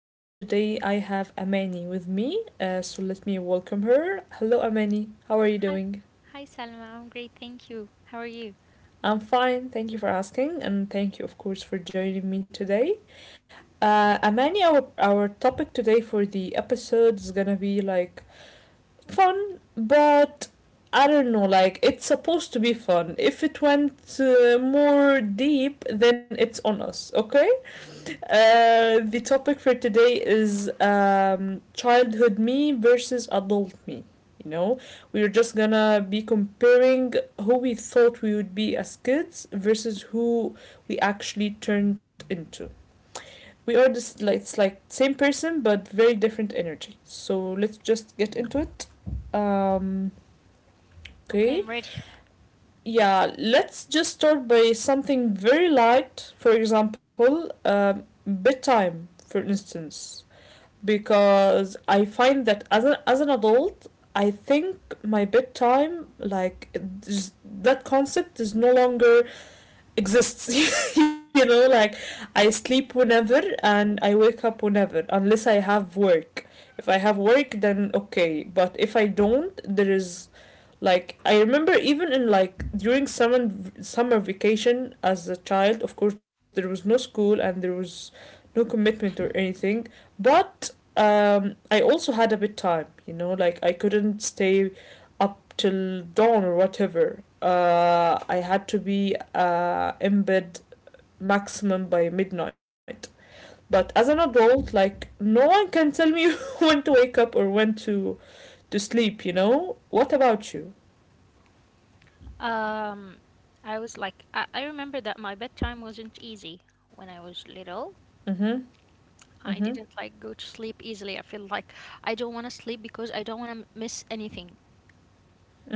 and And today I today I have have Amani Aman with with me. me. So So let me let me welcome welcome her. her. Hello, Hello, Amani. Aman. How are you How are Hi. You doing? doing? Hi, Salma. I'm great. Thank you. How are you? I'm fine. Thank you for asking, and thank you, of course, for joining me today. Amani, our topic today for the episode is gonna be like fun, but I don't know. Like it's supposed to be fun. If it went more deep, then it's on us. Okay. The topic for today is childhood me versus adult me. You know, we're just gonna be comparing who we thought we would be as kids versus who we actually turned into. We are just like it's like same person but very different energy. So let's just get into it. Um, Okay, okay, I'm ready. yeah, let's just start by something very light. For example, bedtime, for instance because I find that as an adult, I think my bedtime that concept is no longer exists. You know, like I sleep whenever and I wake up whenever, unless I have work. If I have work, then okay. But if I don't, there is like I remember even in like during summer vacation as a child, of course there was no school and there was no commitment or anything, but I also had a bit time, like I couldn't stay up till dawn or whatever. I had to be in bed maximum by midnight. But as an adult, like no one can tell me when to wake up or when to sleep, you know? What about you? Um, I was like, I remember that my bedtime wasn't easy when I was little. Mm-hmm. Mhm. I didn't like go to sleep easily. I feel like I don't want to sleep because I don't want to miss anything.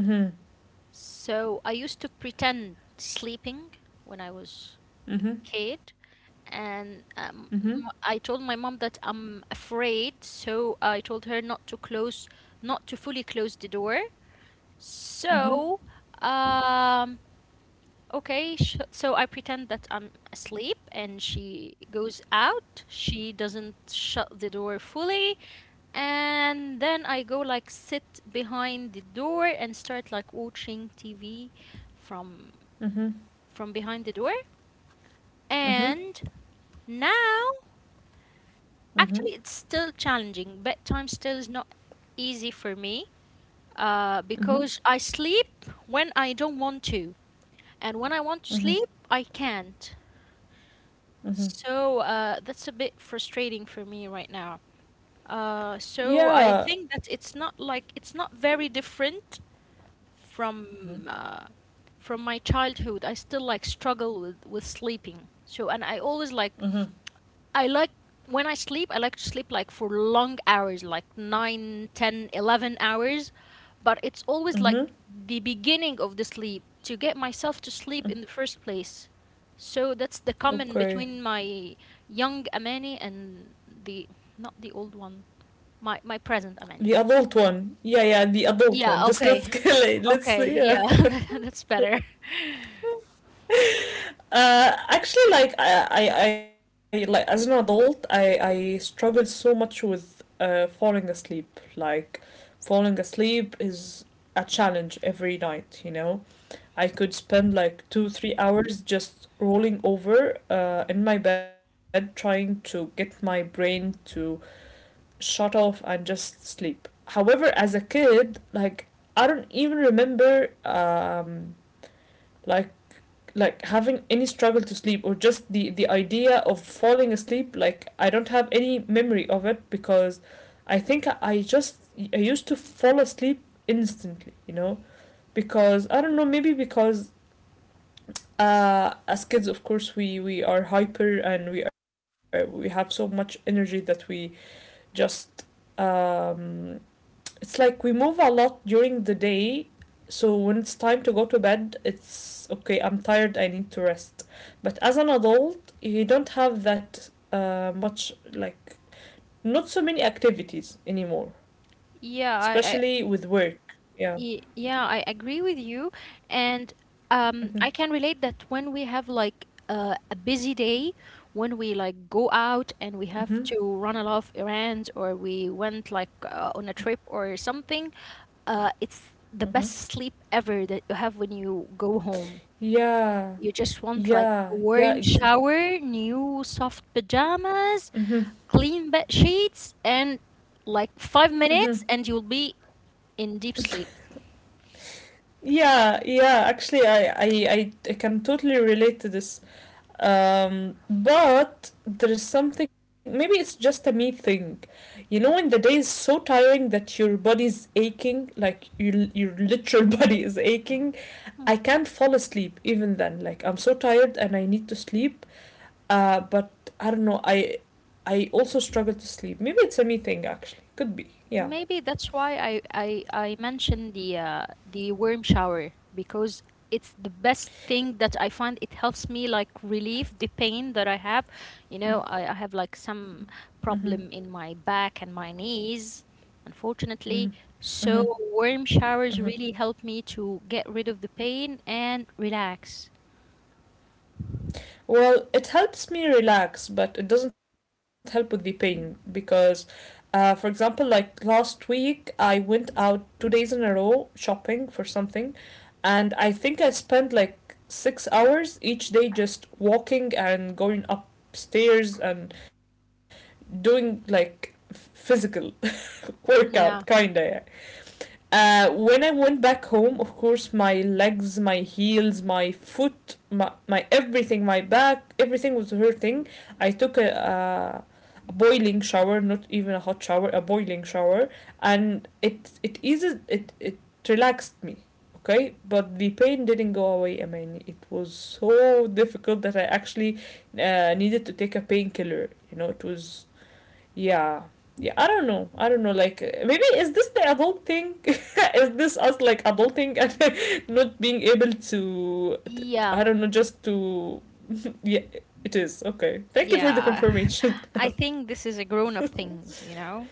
Mhm. So I used to pretend sleeping when I was a Mhm. kid, and Mhm. I told my mom that I'm afraid, so I told her not to fully close the door. Mhm. So, um, okay, sh- so I pretend that I'm asleep and she goes out. She doesn't shut the door fully. And then I go like sit behind the door and start like watching TV from Mhm. from behind the door. Mhm. And now, Mhm. actually, it's still challenging. Bedtime still is not easy for me, Mhm. because I sleep when I don't want to. And when I want to Mhm. sleep, I can't. Mhm. So, that's a bit frustrating for me right now. So I Yeah. think that it's not like it's not very different Mhm. from uh, from my childhood. I still like struggle with sleeping, so, and I always like, Mhm. I like, when I sleep, I like to sleep like for long hours, like 9, 10, 11 hours, but it's always Mhm. like the beginning of the sleep to get myself to sleep in the first place. So that's the common Okay. between my young Amani and the not the old one, my present The Amani. adult one. Yeah, yeah, the adult one. Yeah, Just let's okay. get let's Okay, yeah. yeah. That's better. Actually, like I like, as an adult, I struggle so much with falling asleep. Like falling asleep is a challenge every night, you know? I could spend like two, 3 hours just rolling over in my bed trying to get my brain to shut off and just sleep. However, as a kid, like I don't even remember like like having any struggle to sleep or just the idea of falling asleep. Like I don't have any memory of it because I think I used to fall asleep instantly. You know, because I don't know, maybe because as kids of course we are hyper and we have so much energy that we just um, it's like we move a lot during the day, so when it's time to go to bed, it's okay, I'm tired, I need to rest. But as an adult, you don't have that much, like not so many activities anymore, Yeah, I. especially with work. Yeah. Yeah, I agree with you. And Mm-hmm. I can relate that when we have like a busy day, when we like go out Mm-hmm. and we have to run a lot of errands, or we went like on a trip or something, it's the Mm-hmm. best sleep ever that you have when you go home. Yeah, You just want like a yeah, yeah, warm exactly. shower, new soft pajamas, clean bed sheets, and like five Hmm. minutes, and you'll be in deep sleep. Yeah, yeah. Actually, I can totally relate to this. But there is something. Maybe it's just a me thing. You know, when the day is so tiring that your body's aching, like your literal body is aching, I can't fall asleep even then. Like I'm so tired and I need to sleep. But I don't know. I also struggle to sleep. Maybe it's a me thing. Actually, could be. Yeah. Maybe that's why I mentioned the worm shower, because it's the best thing that I find. It helps me like relieve the pain that I have. I have like Mm-hmm. some problem in my back and my knees, Mm-hmm. unfortunately. Mm-hmm. So worm showers Mm-hmm. really help me to get rid of the pain and relax. Well, it helps me relax, but it doesn't help with the pain because, for example, like last week, I went out 2 days in a row shopping for something, and I think I spent like 6 hours each day just walking and going upstairs and doing like physical workout, kinda. Yeah. Yeah. When I went back home, of course, my legs, my heels, my foot, my everything, my back, everything was hurting. I took a boiling shower, not even a hot shower, a boiling shower, and it eases, it relaxed me. Okay, but the pain didn't go away. I mean, it was so difficult that I actually needed to take a painkiller. You know, it was, yeah. Yeah, I don't know. I don't know. Like, maybe is this the adult thing? Is this us like adulting and not being able to, Yeah. I don't know, just to. Yeah, it is. Okay. Thank you for the Yeah. confirmation. I think this is a grown up thing, you know?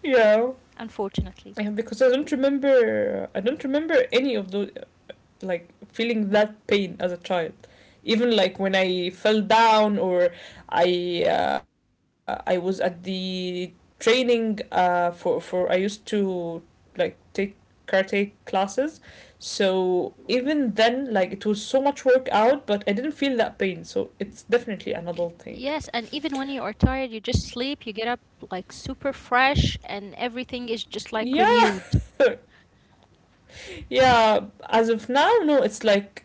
Yeah. Unfortunately. Yeah, because I don't remember. I don't remember any of those, like, feeling that pain as a child, even like when I fell down or I was at the training, for I used to like take karate classes, so even then, like, it was so much workout, but I didn't feel that pain, so it's definitely an adult thing. Yes, and even when you are tired, you just sleep, you get up like super fresh, and everything is just like Yeah. renewed. Yeah. As of now, no, it's like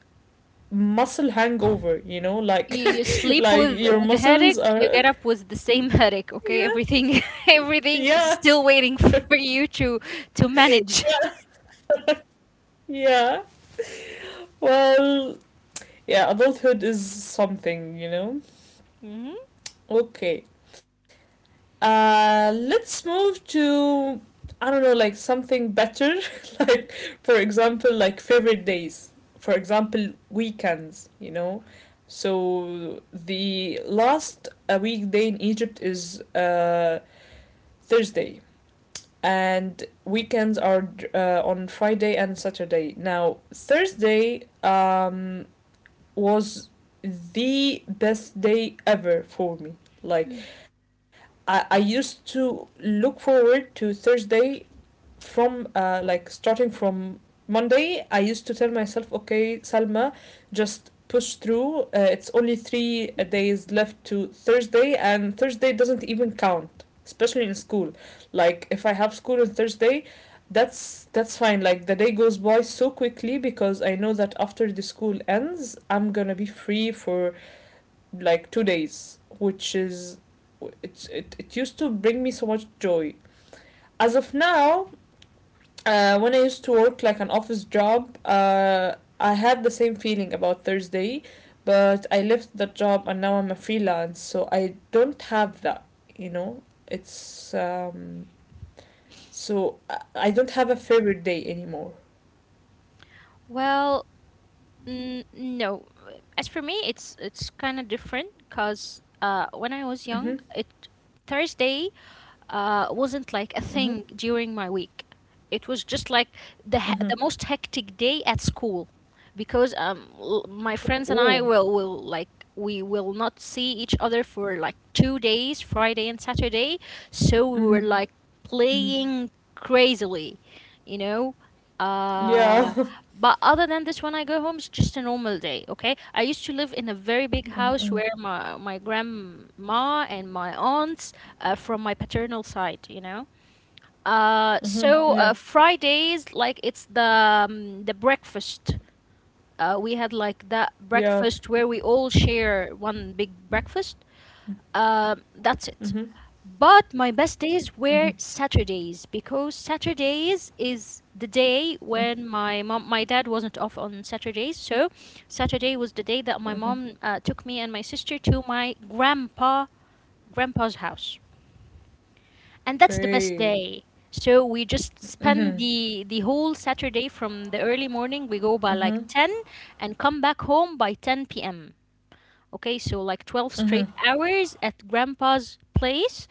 muscle hangover, you know, like You sleep like with your with a muscles headache, you are, get up with the same headache, okay? yeah. Everything everything is Yeah, still waiting for you to manage. yeah. Well, yeah, adulthood is something, you know? Mhm. Okay. Let's move to, I don't know, like something better. Like, for example, like favorite days. For example, weekends, you know? So, the last weekday in Egypt is Thursday. And weekends are on Friday and Saturday. Now, Thursday, was the best day ever for me. Hmm. Like Like. I used to look forward to Thursday, from like starting from Monday, I used to tell myself, okay, Salma, just push through. It's only three days left to Thursday, and Thursday doesn't even count, especially in school. Like if I have school on Thursday, that's fine. Like the day goes by so quickly because I know that after the school ends, I'm gonna be free for like 2 days, which is, it used to bring me so much joy. As of now, when I used to work like an office job, I had the same feeling about Thursday, but I left that job and now I'm a freelance, so I don't have that. You know, it's so I don't have a favorite day anymore. Well, no. As for me, it's kind of different because, when I was Mm-hmm. young, it Thursday wasn't like a Mm-hmm. thing during my week. It was just like the he- Mm-hmm. the most hectic day at school, because my friends and I Oh. Will like we will not see each other for like 2 days, Friday and Saturday. So we Mm-hmm. were like Mm-hmm. playing crazily, you know. Uh, Yeah. but other than this, when I go home, it's just a normal day. Okay, I used to live in a very big house Mm-hmm. where my grandma and my aunts, from my paternal side. Uh, so Mm-hmm. Yeah. uh, Fridays, like it's the breakfast. We had like that Yeah. breakfast where we all share one big breakfast. That's it. Mm-hmm. But my best days were Mm-hmm. Saturdays, because Saturdays is the day when, my dad wasn't off on Saturdays. So Saturday was the day that my mom Mm-hmm. Took me and my sister to my grandpa's house, and that's the best Okay. day. So we just spend Mm-hmm. the whole Saturday from the early morning. We go by like 10 and come back home by 10 p.m. Okay, so like 12 straight hours at grandpa's place.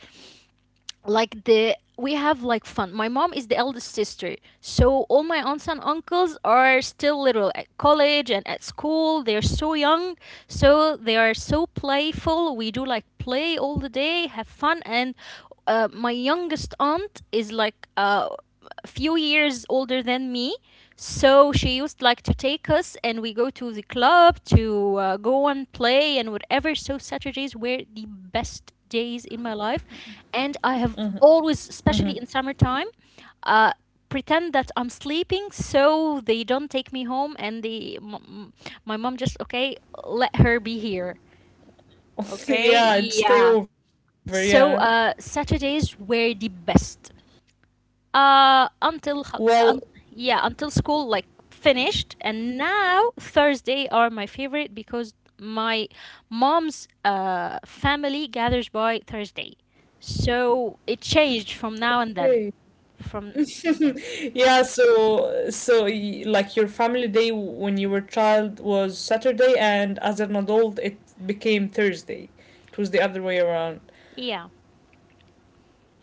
Like the we have like fun. My mom is the eldest sister, so all my aunts and uncles are still little, at college and at school, they're so young. So they are so playful, we do like play all the day, have fun, and my youngest aunt is like a few years older than me, so she used like to take us, and we go to the club to go and play and whatever. So Saturdays were the best days in my life, and I have always, especially in summertime, uh, pretend that I'm sleeping so they don't take me home, and my mom just okay, let her be here, okay, Yeah, it's stay yeah. over. Yeah. So, Saturdays were the best, until Well, yeah, until school like finished. And now Thursday are my favorite, because my mom's family gathers by Thursday, so it changed from now and hey. then, from. Yeah, like your family day when you were child was Saturday and as an adult it became Thursday. It was the other way around. Yeah,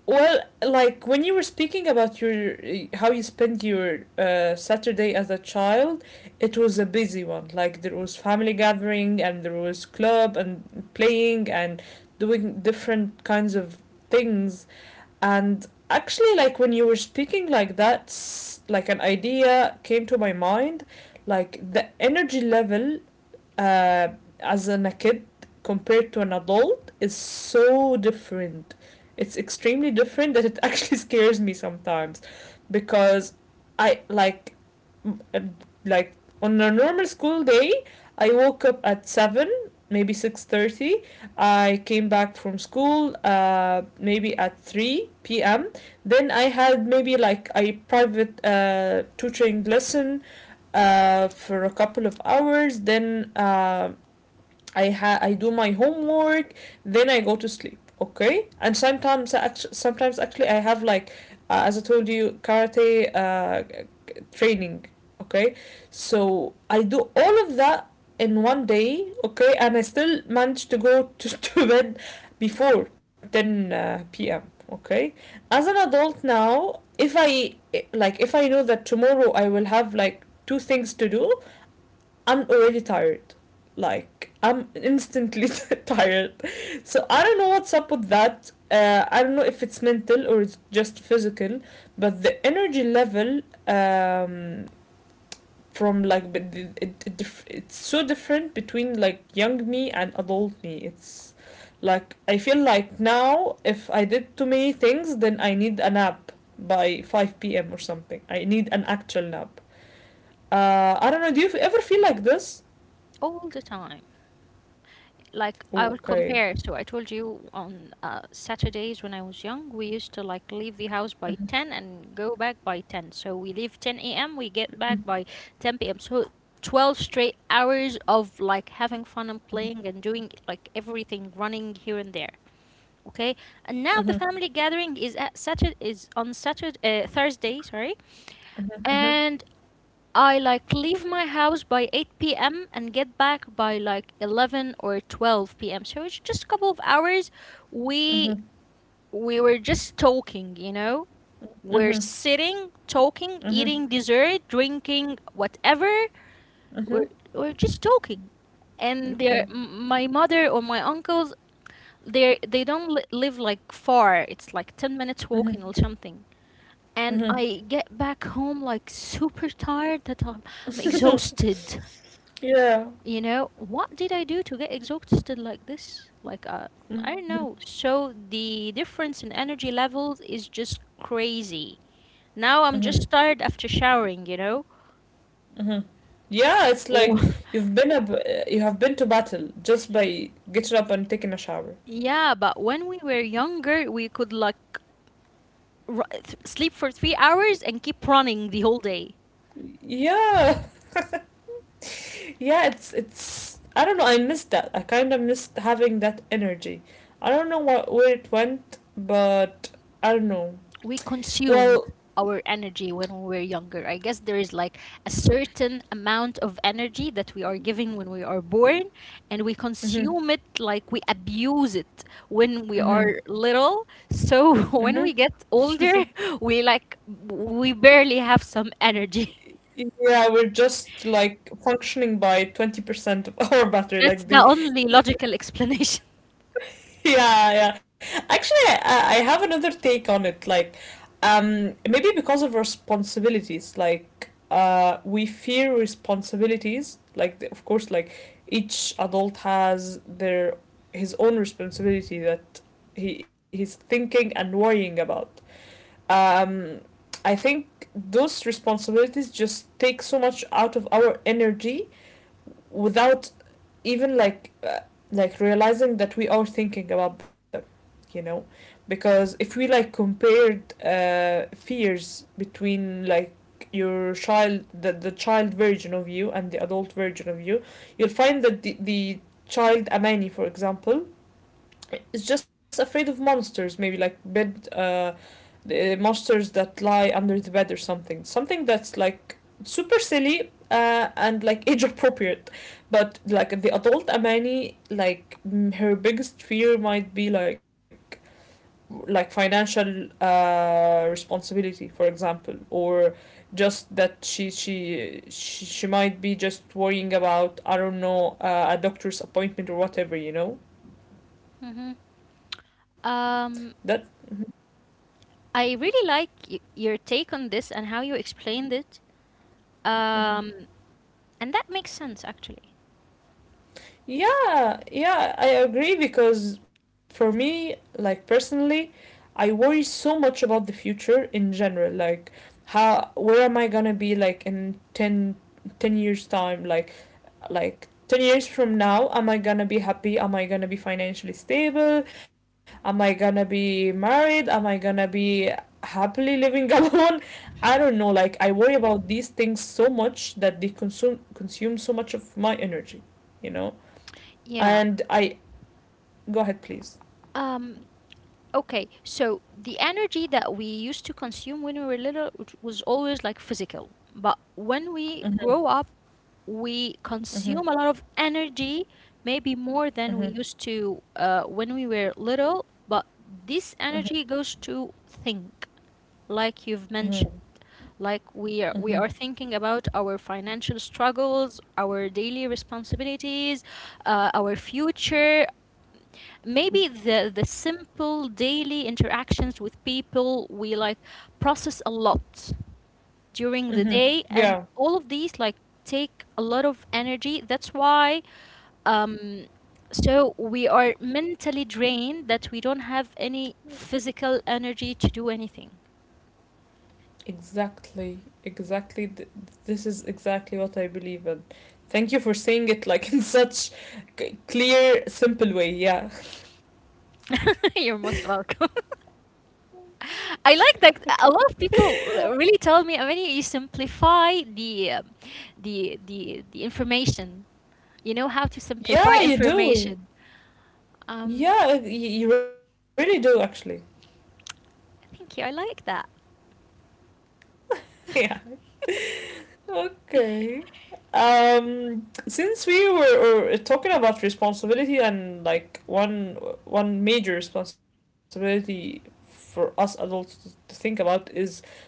Well, like when you were speaking about your how you spent your Saturday as a child, it was a busy one. Like there was family gathering and there was club and playing and doing different kinds of things. And actually, like when you were speaking like that, like an idea came to my mind, like the energy level uh, as a kid compared to an adult is so different. It's extremely different that it actually scares me sometimes because I uh, like on a normal school day I woke up at 7, maybe 6:30. I came back from school maybe at 3 p.m., then I had maybe like a private tutoring lesson for a couple of hours. Then I do my homework, then I go to sleep. Okay, and sometimes sometimes actually I have like, as I told you, karate training. Okay, so I do all of that in one day. Okay, and I still manage to go to bed before ten p.m. Okay, as an adult now, if I know that tomorrow I will have like two things to do, I'm already tired. Like I'm instantly tired. So I don't know what's up with that. I don't know if it's mental or it's just physical, but the energy level, um, from like but it's so different between like young me and adult me. It's like I feel like now if I did too many things, then I need a nap by 5 p.m. or something. I need an actual nap. I don't know. Do you ever feel like this? all the time. Like I Oh, will okay. compare. So I told you, on Saturdays when I was young, we used to like leave the house by Mhm, 10 and go back by 10. So we leave 10 a.m. We get back mhm, by 10 p.m. So 12 straight hours of like having fun and playing and doing like everything, running here and there. Okay, and mhm, now the family gathering is at Saturday is on Saturday, Thursday. Sorry. mhm, mhm, And I like leave my house by 8 p.m. and get back by like 11 or 12 p.m. So it's just a couple of hours. We mhm, we were just talking. We're mhm. sitting, talking, Mhm, eating dessert, drinking whatever. We're mhm. we're just talking. And they Okay. are my mother or my uncles. They don't live like far. It's like 10 Mhm, minutes walking or something, and mhm. I get back home like super tired, that I'm exhausted. Yeah. You know, what did I do to get exhausted like this? Like, I don't know. So the difference in energy levels is just crazy. Now I'm Mhm, just tired after showering, you know? mhm. Yeah, it's Oh, like you've been you have been to battle just by getting up and taking a shower. yeah, but when we were younger, we could like sleep for 3 hours and keep running the whole day. Yeah, yeah, it's. I don't know. I missed that. I kind of missed having that energy. I don't know what where it went, but I don't know. We Well, consumed our energy when we were younger. I guess there is like a certain amount of energy that we are given when we are born, and we mm-hmm, consume it like we abuse it when we mm-hmm, are little. So mm-hmm. when we get older, we barely have some energy. Yeah, we're just like functioning by 20% of our battery. Like the yeah, yeah. Actually, I have another take on it. Like, maybe because of responsibilities, like we fear responsibilities. Like, of course, like each adult has their his own responsibility that he's thinking and worrying about. Um, I think those responsibilities just take so much out of our energy without even like realizing that we are thinking about them you know because if we like compared fears between like your child the child version of you and the adult version of you you'll find that the child amani for example is just afraid of monsters, maybe like bed the monsters that lie under the bed or something. Something that's like super silly and like age appropriate. But like the adult Amani, her biggest fear might be like financial responsibility, for example, or just that she might be just worrying about I don't know a doctor's appointment or whatever, you know. Hmm. That. Um, I really like your take on this and how you explained it. Mhm. Um, and that makes sense actually. Yeah, yeah, I agree because for me, like personally, I worry so much about the future in general. Like, how, where am I gonna be like in 10 years' time? Like 10 years from now, am I gonna be happy? Am I gonna be financially stable? Am I gonna be married? Am I gonna be happily living alone? I don't know. Like, I worry about these things so much that they consume so much of my energy, you know? And I go ahead, please. Um. Okay, so the energy that we used to consume when we were little, which was always like physical, but when we Mm-hmm, grow up, we mm-hmm, consume a lot of energy, maybe more than we mm-hmm, used to, when we were little, but this mm-hmm, energy goes to think, like you've mm-hmm, mentioned. Like we are, we mm-hmm, are thinking about our financial struggles, our daily responsibilities, our future, maybe the simple daily interactions with people we like process a lot during the mm-hmm. day, and Yeah, all of these like take a lot of energy, that's why um so we are mentally drained that we don't have any physical energy to do anything. exactly, exactly. This is exactly what I believe in. Thank you for saying it like in such clear, simple way. Yeah, You're most welcome. I like that a lot of people really tell me, when you simplify the information. You know how to simplify yeah, you do. information. Um, Yeah, you really do actually. Thank you. I like that. Yeah. Okay. Since we were talking about responsibility and like one major responsibility for us adults to think about is money.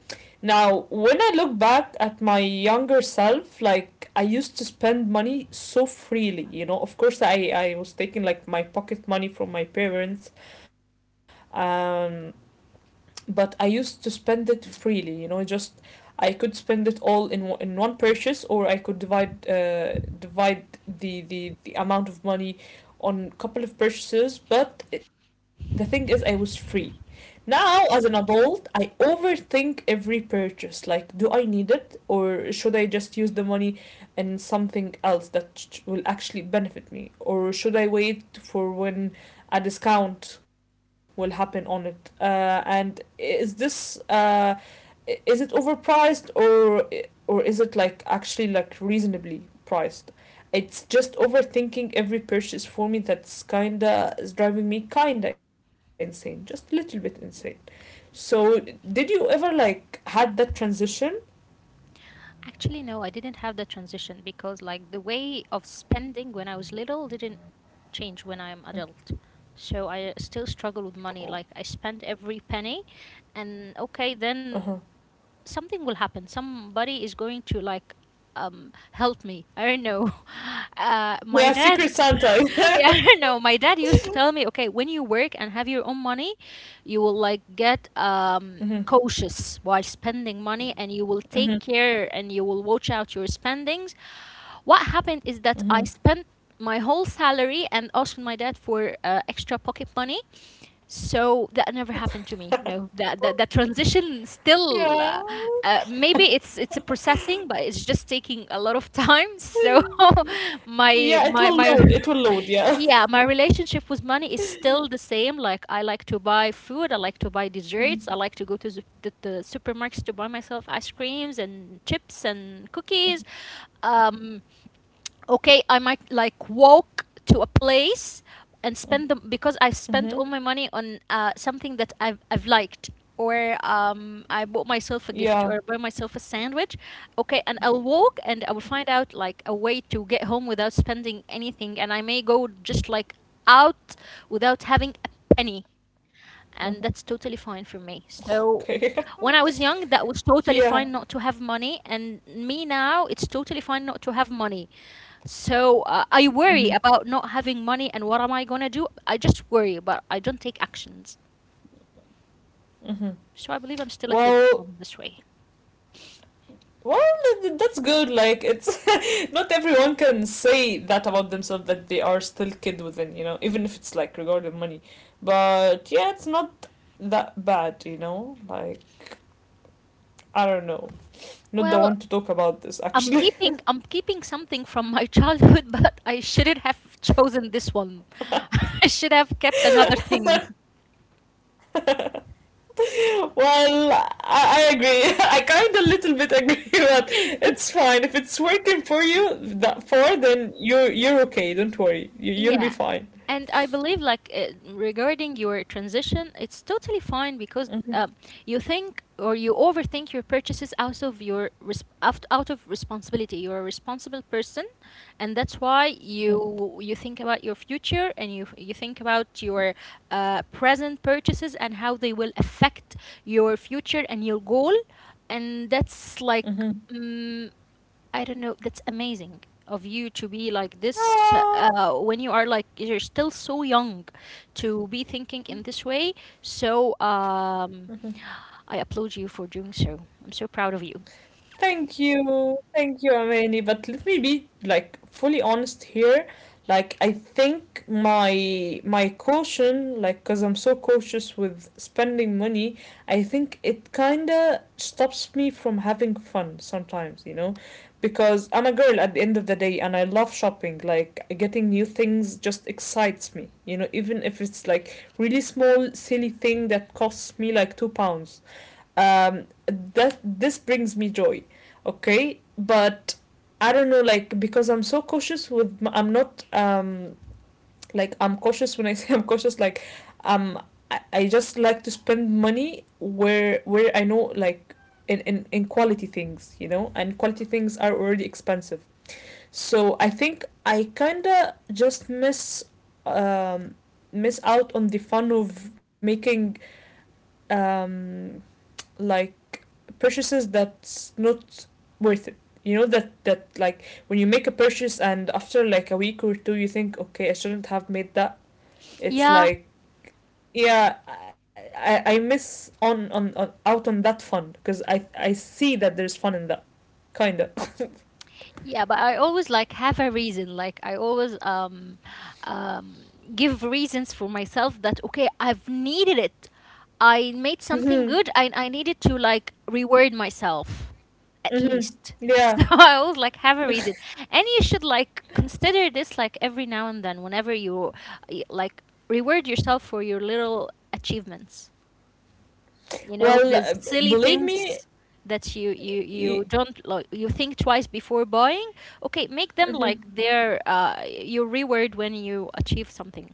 Now, when I look back at my younger self, like I used to spend money so freely, you know. Of course, I was taking like my pocket money from my parents, um, but I used to spend it freely, you know, just I could spend it all in one purchase, or I could divide the amount of money on a couple of purchases. But it- the thing is, I was free. Now, as an adult, I overthink every purchase. Like, do I need it, or should I just use the money in something else that will actually benefit me, or should I wait for when a discount will happen on it. And is this is it overpriced or is it like actually like reasonably priced? It's just overthinking every purchase for me that's kinda is driving me kinda insane, just a little bit insane. So did you ever like had that transition? Actually, no, I didn't have the transition, because, like, the way of spending when I was little didn't change when I'm adult. So I still struggle with money. Like, I spend every penny, and okay, then Uh-huh. something will happen. Somebody is going to like help me, I don't know. My Yeah, dad. Secret Yeah, I Santa. don't know, my dad used to tell me, okay, when you work and have your own money, you will like get Hmm. Cautious while spending money, and you will Hmm. take care and you will watch out your spendings. What happened is that I Hmm. spent my whole salary and asked my dad for extra pocket money. So that never happened to me. No, that transition Yeah. still maybe it's a processing, but it's just taking a lot of time. So my Yeah, it my will my load. It will load. Yeah. yeah, my relationship with money is still the same. Like, I like to buy food, I like to buy desserts, I like to go to the supermarkets to buy myself ice creams and chips and cookies. um okay, I might like walk to a place and spend them because I've spent Mm-hmm. all my money on something that I've liked, or I bought myself Yeah. a gift, or I bought myself a sandwich. Okay, and I'll walk and I will find out like a way to get home without spending anything, and I may go just like out without having a penny, Mhm. and that's totally fine for me. Okay. So when I was young, that Yeah. was totally fine not to have money, and me now, it's totally fine not to have money. So I Mm-hmm. worry about not having money and what am I gonna do? I just worry, but I don't take actions. Mm-hmm. So I believe I'm still a kid Well, on this way. That's good. Like, it's not everyone can say that about themselves that they are still kid within. You know, even if it's like regarding money, but yeah, it's not that bad. You know, like I don't know. Not the Well, one to talk about this I'm actually. keeping I'm keeping something from my childhood, but I shouldn't have chosen this one. I should have kept another thing. Well, I agree. I kind of little bit agree, but it's fine. If it's working for you, that for then you're okay. Don't worry. You'll be Yeah. fine. And I believe, like, regarding your transition, it's totally fine because Mhm, you think or you overthink your purchases out of your out of responsibility. You're a responsible person, and that's why you think about your future and you think about your present purchases and how they will affect your future and your goal, and that's like mhm. I don't know. That's amazing of you to be like this, Ah. When you are like you're still so young to be thinking in this way. So Mm-hmm. I applaud you for doing so. I'm so proud of you. Thank you. Thank you, Amani. But let me be like fully honest here. Like I think my caution, like cuz I'm so cautious with spending money, I think it kind of stops me from having fun sometimes, you know? Because I'm a girl at the end of the day and I love shopping. Like getting new things just excites me, you know, even if it's like really small silly thing that costs me like £2 that this brings me joy, okay, but I don't know, like because I'm so cautious with I'm not like I'm cautious when I say I'm cautious, like um I just like to spend money where I know, like in quality things, you know, and quality things are already expensive, so I think I kinda just um miss out on the fun of making um like purchases that's not worth it, you know, that like when you make a purchase and after like a week or two you think okay I shouldn't have made that. It's Yeah, like yeah I miss on out on that fun because I see that there's fun in that kind of yeah, but I always like have a reason. Like I always um give reasons for myself that okay, I've needed it. I made mm-hmm. something good, I needed to like reward myself at Mm-hmm. least. So Yeah, I always like have a reason. And you should like consider this like every now and then whenever you like reward yourself for your little achievements. You know, well, the silly believe me things that you y- don't like, you think twice before buying. Okay, make them like mhm. their your reward when you achieve something.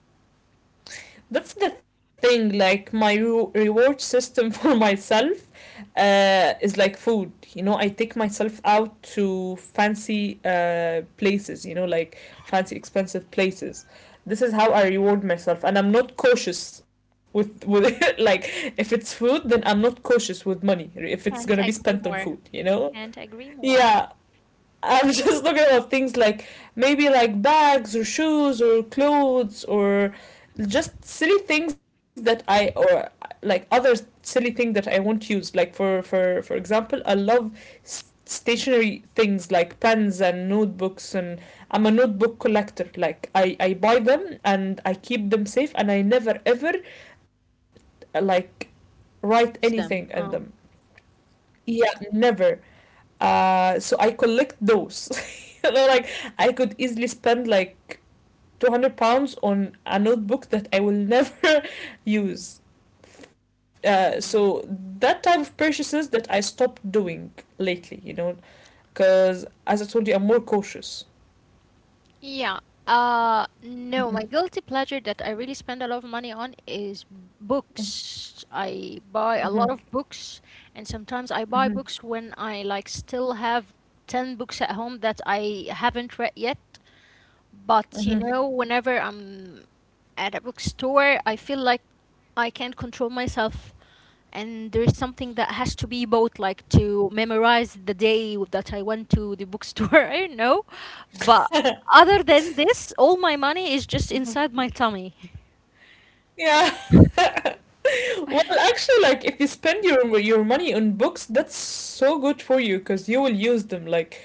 That's the thing, like my reward system for myself is like food. You know, I take myself out to fancy places, you know, like fancy expensive places. This is how I reward myself, and I'm not cautious with like if it's food, then I'm not cautious with money. If it's Can't gonna be agree spent more. on food, you know, Can't agree more. yeah, I'm just talking about things like maybe like bags or shoes or clothes or just silly things that I or like other silly things that I won't use. Like for example, I love stationary things like pens and notebooks, and I'm a notebook collector. Like I buy them and I keep them safe, and I never ever like write anything Use in them. them. Oh. Yeah, never. So I collect those. You know, like I could easily spend like £200 on a notebook that I will never use. So Mm. that type of purchases that I stopped doing lately, you know, because as I told you, I'm more cautious. Yeah. No, Mm-hmm. my guilty pleasure that I really spend a lot of money on is books. I buy a lot Mm-hmm. of books, and sometimes I buy Mm-hmm. books when I like still have 10 books at home that I haven't read yet. But you Mm-hmm. know, whenever I'm at a bookstore, I feel like I can't control myself, and there's something that has to be bought, like to memorize the day that I went to the bookstore. I don't know, but other than this, all my money is just inside my tummy. Yeah. Well, actually, like if you spend your money on books, that's so good for you because you will use them.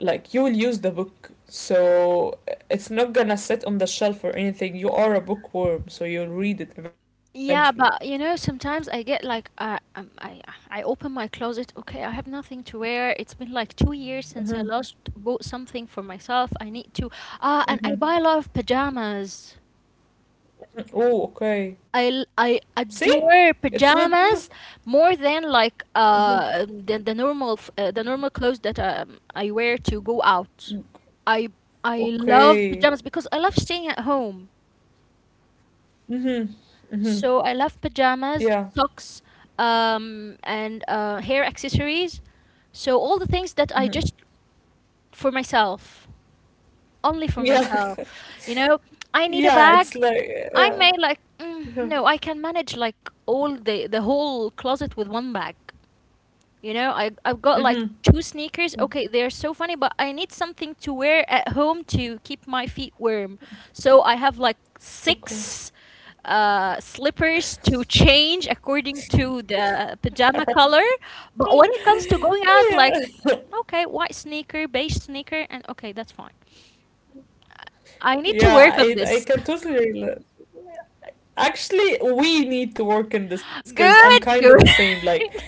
Like you will use the book, so it's not gonna sit on the shelf or anything. You are a bookworm, so you'll read it eventually. Yeah, but you know, sometimes I get like I open my closet. Okay, I have nothing to wear. It's been like 2 years since I Mm-hmm. last bought something for myself. I need to. Ah, and I Mm-hmm. buy a lot of pajamas. Oh, okay. See, I it's adore not. pajamas more than Mhm. The normal the normal clothes that I wear to go out. I I love Okay. pajamas because I love staying at home. Mm-hmm. Mm-hmm. So I love Yeah. pajamas, socks, and hair accessories. So all the things that I Mm-hmm. just for myself. Only for Yeah. myself. You know, I need a Yeah, it's bag. like I yeah. may like Mm-hmm. no, I can manage like all the whole closet with one bag. You know, I I've got Mm-hmm. like two sneakers. Mm, Okay, they're so funny, but I need something to wear at home to keep my feet warm. So I have like okay. six slippers to change according to the pajama color, but when it comes to going out, like Yeah. okay, white sneaker, beige sneaker, and okay, that's fine. I need to Yeah, work on I this. can totally relate. Actually, we need to work in this because I'm kind of Good, the good. same.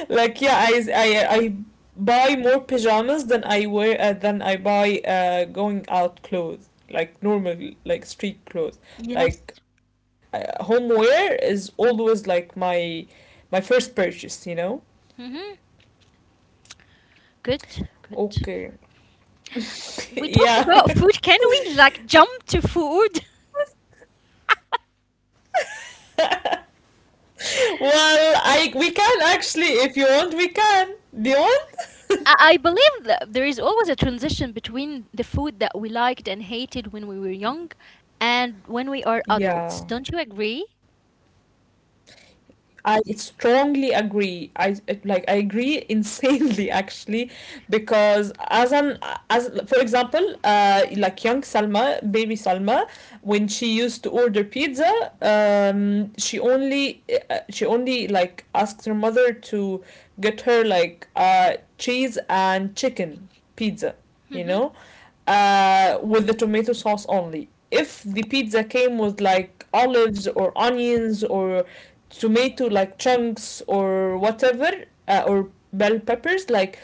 Like yeah I buy more pajamas than I wear than I buy going out clothes like normal like street clothes Yes. like home wear is always like my first purchase, you know. Mhm. Good, good. Okay. We talked Yeah. about food. Can we like jump to food? Well, I we can actually if you want we can. Do you want? I I believe that there is always a transition between the food that we liked and hated when we were young and when we are adults. Yeah, Don't you agree? I strongly agree. I it- like I agree insanely actually because as for example, like young Salma, baby Salma, when she used to order pizza, um she only she only like asked her mother to get her like cheese and chicken pizza, you Mhm. know, with the tomato sauce only. If the pizza came with like olives or onions or tomato like chunks or whatever, or bell peppers, like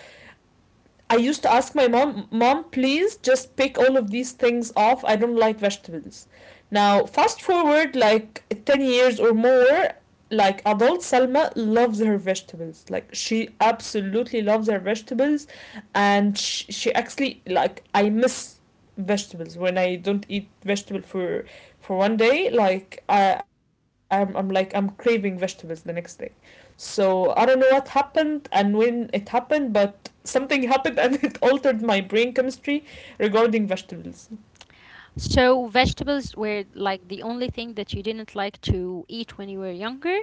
I used to ask my mom, Mom, please just pick all of these things off. I don't like vegetables. Now, fast forward like 10 years or more, like adult Salma loves her vegetables. Like, she absolutely loves her vegetables. And she actually, like, I miss vegetables when I don't eat vegetable for one day. Like, I, I'm like, I'm craving vegetables the next day. So I don't know what happened and when it happened, but something happened and it altered my brain chemistry regarding vegetables. So vegetables were like the only thing that you didn't like to eat when you were younger?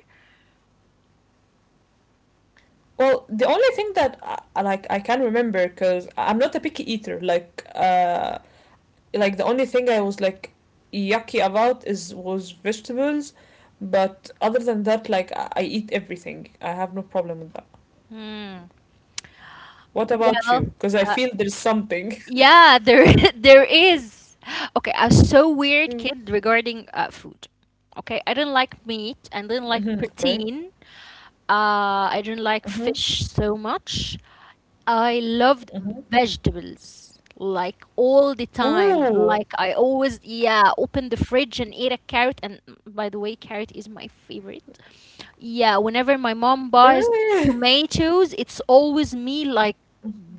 Well, the only thing that I, like I can remember because I'm not a picky eater. Like the only thing I was like yucky about is was vegetables, but other than that, like I eat everything. I have no problem with that. Hmm. What about Well, you? Because I uh, feel there's something. yeah, there there is. Okay, I was so weird kid regarding food. Okay, I didn't like meat. I Mm-hmm, didn't like okay. protein. I didn't like Mm-hmm, fish so much. I loved mm-hmm. vegetables like all the time. Like Ooh. I always, yeah, open the fridge and eat a carrot. And by the way, carrot is my favorite. Yeah, whenever my mom buys Really? tomatoes, it's always me like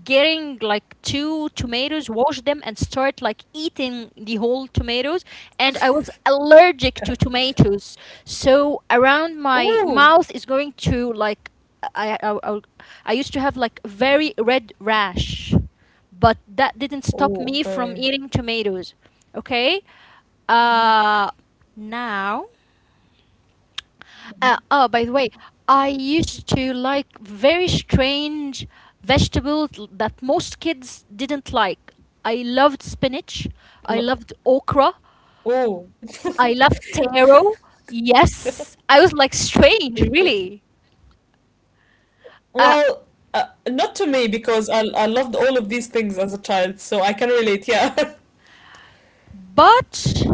getting like two tomatoes, wash them and start like eating the whole tomatoes. And I was allergic to tomatoes, so around my Oh, mouth is going to like i i, I, I used to have like very red rash, but that didn't stop oh, me from okay. eating tomatoes. Okay. uh Now, oh, by the way, I used to like very strange vegetables that most kids didn't like. I loved spinach. I L- loved okra. Oh, I loved taro. Yes, I was like strange, okay. really. Uh, Well, not to me because I loved all of these things as a child, so I can relate. Yeah. But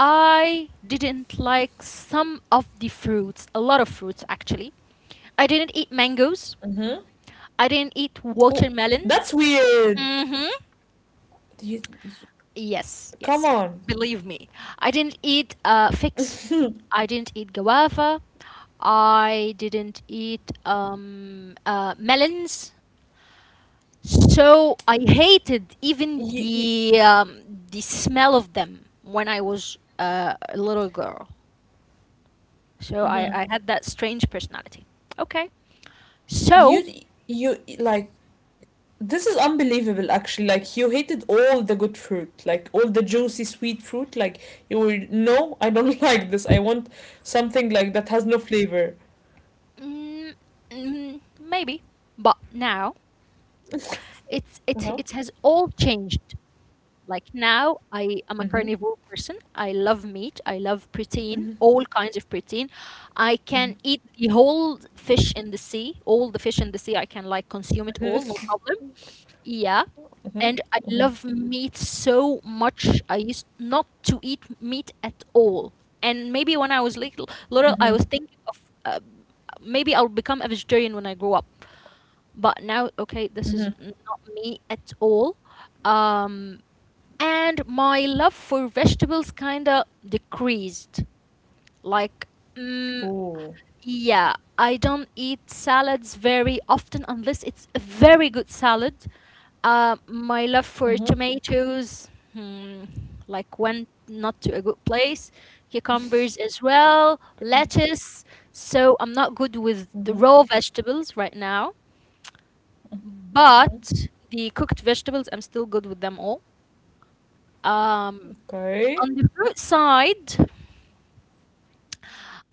I didn't like some of the fruits, a lot of fruits actually. I didn't eat mangoes. Mm-hmm. I didn't eat Oh, watermelon. that's weird. Mhm. You, you- Yes, come yes. on. Believe me. I didn't eat figs. I didn't eat guava. I didn't eat melons. So I hated even You, you, the smell of them when I was a little girl. So mhm. I had that strange personality. Okay. you, So like, this is unbelievable. Actually, like you hated all the good fruit, like all the juicy sweet fruit. Like you were no, I don't like this. I want something like that has no flavor. mm, maybe, but now Uh-huh. it has all changed. Like now I am a Mhm. carnivore person, I love meat, I love protein, Mhm. all kinds of protein. I Mhm. can eat the whole fish in the sea, all the fish in the sea, I can like consume it all, no Mhm. problem. Yeah. Mhm. And I Mhm. love meat so much. I used not to eat meat at all, and maybe when I was little I Mhm. was thinking of, maybe I'll become a vegetarian when I grow up, but now okay, this is Mhm. not me at all. um and my love for vegetables kind of decreased, like mm, Ooh. yeah, I don't eat salads very often unless it's a very good salad. My love for Mhm. tomatoes, like went not to a good place. Cucumbers as well, Okay. lettuce. So I'm not good with the Mhm. raw vegetables right now, but the cooked vegetables, I'm still good with them all. Um, Okay. on the fruit side,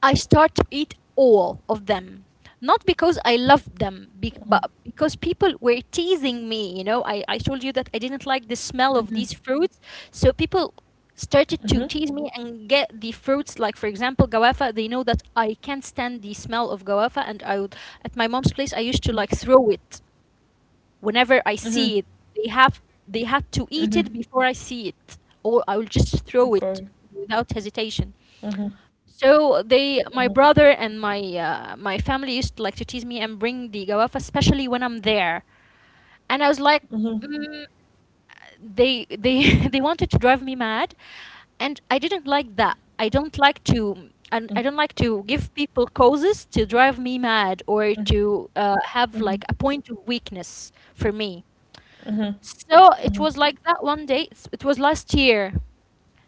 I start to eat all of them. Not because I loved them, Mhm. But because people were teasing me. You know, I told you that I didn't like the smell Mhm. of these fruits. So people started Mhm. to tease me and get the fruits, like, for example, guava. They know that I can't stand the smell of guava. And at my mom's place, I used to like throw it whenever I Mhm. see it. They had to eat Mhm. it before I see it, or I will just throw it Okay. without hesitation. Mhm. So Mhm. they, my brother and my family used to like to tease me and bring the gawafa, especially when I'm there, and I was like, Mhm. mm, they they wanted to drive me mad, and I didn't like that. I don't like to. And I Mhm. don't like to give people causes to drive me mad or Mhm. to have Mhm. like a point of weakness for me. Mhm. So it Mhm. was like that one day. It's, it was last year.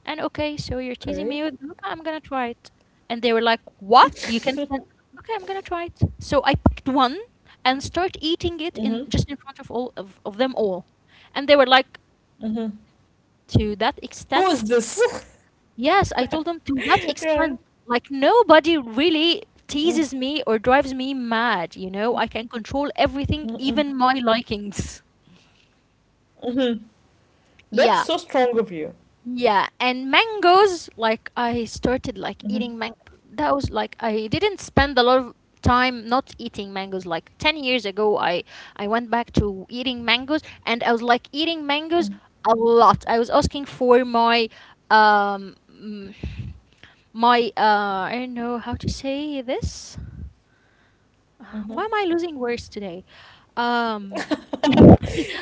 And okay, so you're teasing Okay. me with Gotha. I'm gonna try it. And they were like, "What? You can stand?" Okay, I'm gonna try it. So I picked one and start eating it in Mhm. just in front of all of them all, and they were like, Mhm. "To that Who is extent, this? yes, I told them to that Yeah. extent. Like nobody really Mm. teases me or drives me mad, you know? I can control everything, Mm-mm. even my likings. Mhm. That's Yeah, so strong of you. yeah, and mangoes, like I started like Mhm. eating mango. That was like, I didn't spend a lot of time not eating mangoes. Like 10 years ago I went back to eating mangoes, and I was like eating mangoes Mhm. a lot. I was asking for my um mm, my uh I don't know how to say this. Mhm. Why am I losing words today? Um,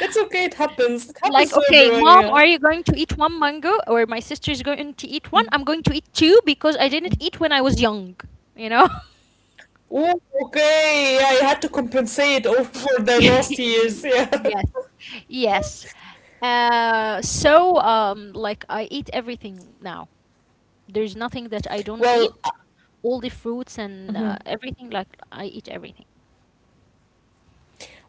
It's okay, it happens. It like, happens to okay, everyone, mom, yeah. are you going to eat one mango? Or my sister's going to eat one? I'm going to eat two because I didn't eat when I was young, you know? Oh, okay. I had to compensate over the lost years. Yeah. Yes, yes. So, like, I eat everything now. There's nothing that I don't Well, eat. All the fruits and everything, like, I eat everything.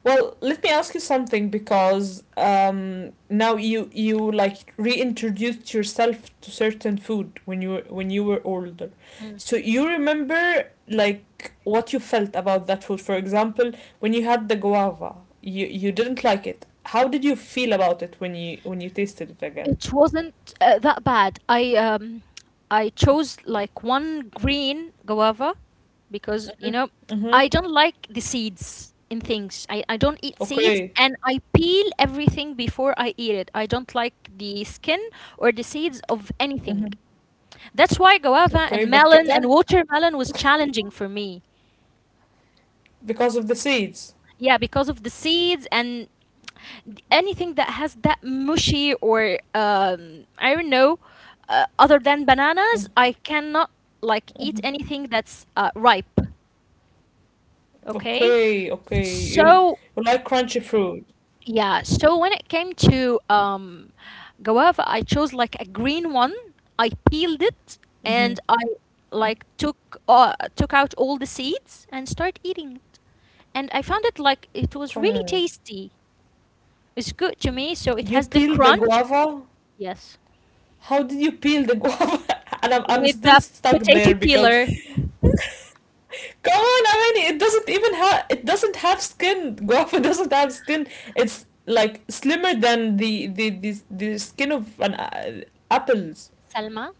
let me ask you something because now you like reintroduced yourself to certain food when when you were older. Mm. So you remember like what you felt about that food. For example, when you had the guava, you didn't like it. How did you feel about it when you tasted it again? Wasn't that bad. I chose like one green guava because Mhm. I don't like the seeds in things. I don't eat seeds, Okay. and I peel everything before I eat it. I don't like the skin or the seeds of anything. Mhm. That's why guava Okay, and but you melon and can watermelon was challenging for me. because of the seeds. Yeah, because of the seeds. And anything that has that mushy or I don't know, other than Mm, bananas I cannot like eat anything that's ripe. Okay. okay, okay. You So you like crunchy fruit. yeah, so when it came to guava, I chose like a green one. I peeled it, Mm-hmm. and I like took out all the seeds and start eating it. And I found it like it was really tasty. It's good to me, so it You has the peel the crunch. guava? Yes. How did you peel the guava? And I'm With still the stuck potato there because peeler. come on, I mean it doesn't even have it doesn't have skin. Guava doesn't have skin. It's like slimmer than the skin of an apples. Salma,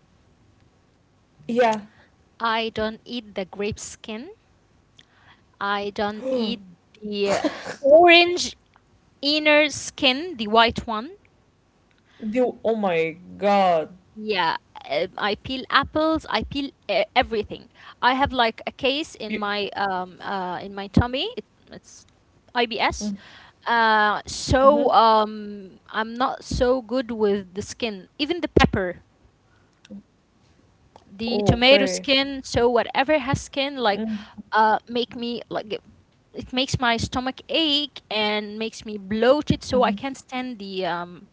Yeah. I don't eat the grape skin. I don't eat the orange inner skin, the white one. The oh my god. Yeah, I peel apples. I peel everything. I have like a case You in my tummy. It's IBS. mm-hmm. Uh, so Mm-hmm. um I'm not so good with the skin. Even the pepper, the Oh, tomato okay. skin, so whatever has skin like Mm-hmm. Make me like it makes my stomach ache and makes me bloated, so I Mm-hmm. can't stand the um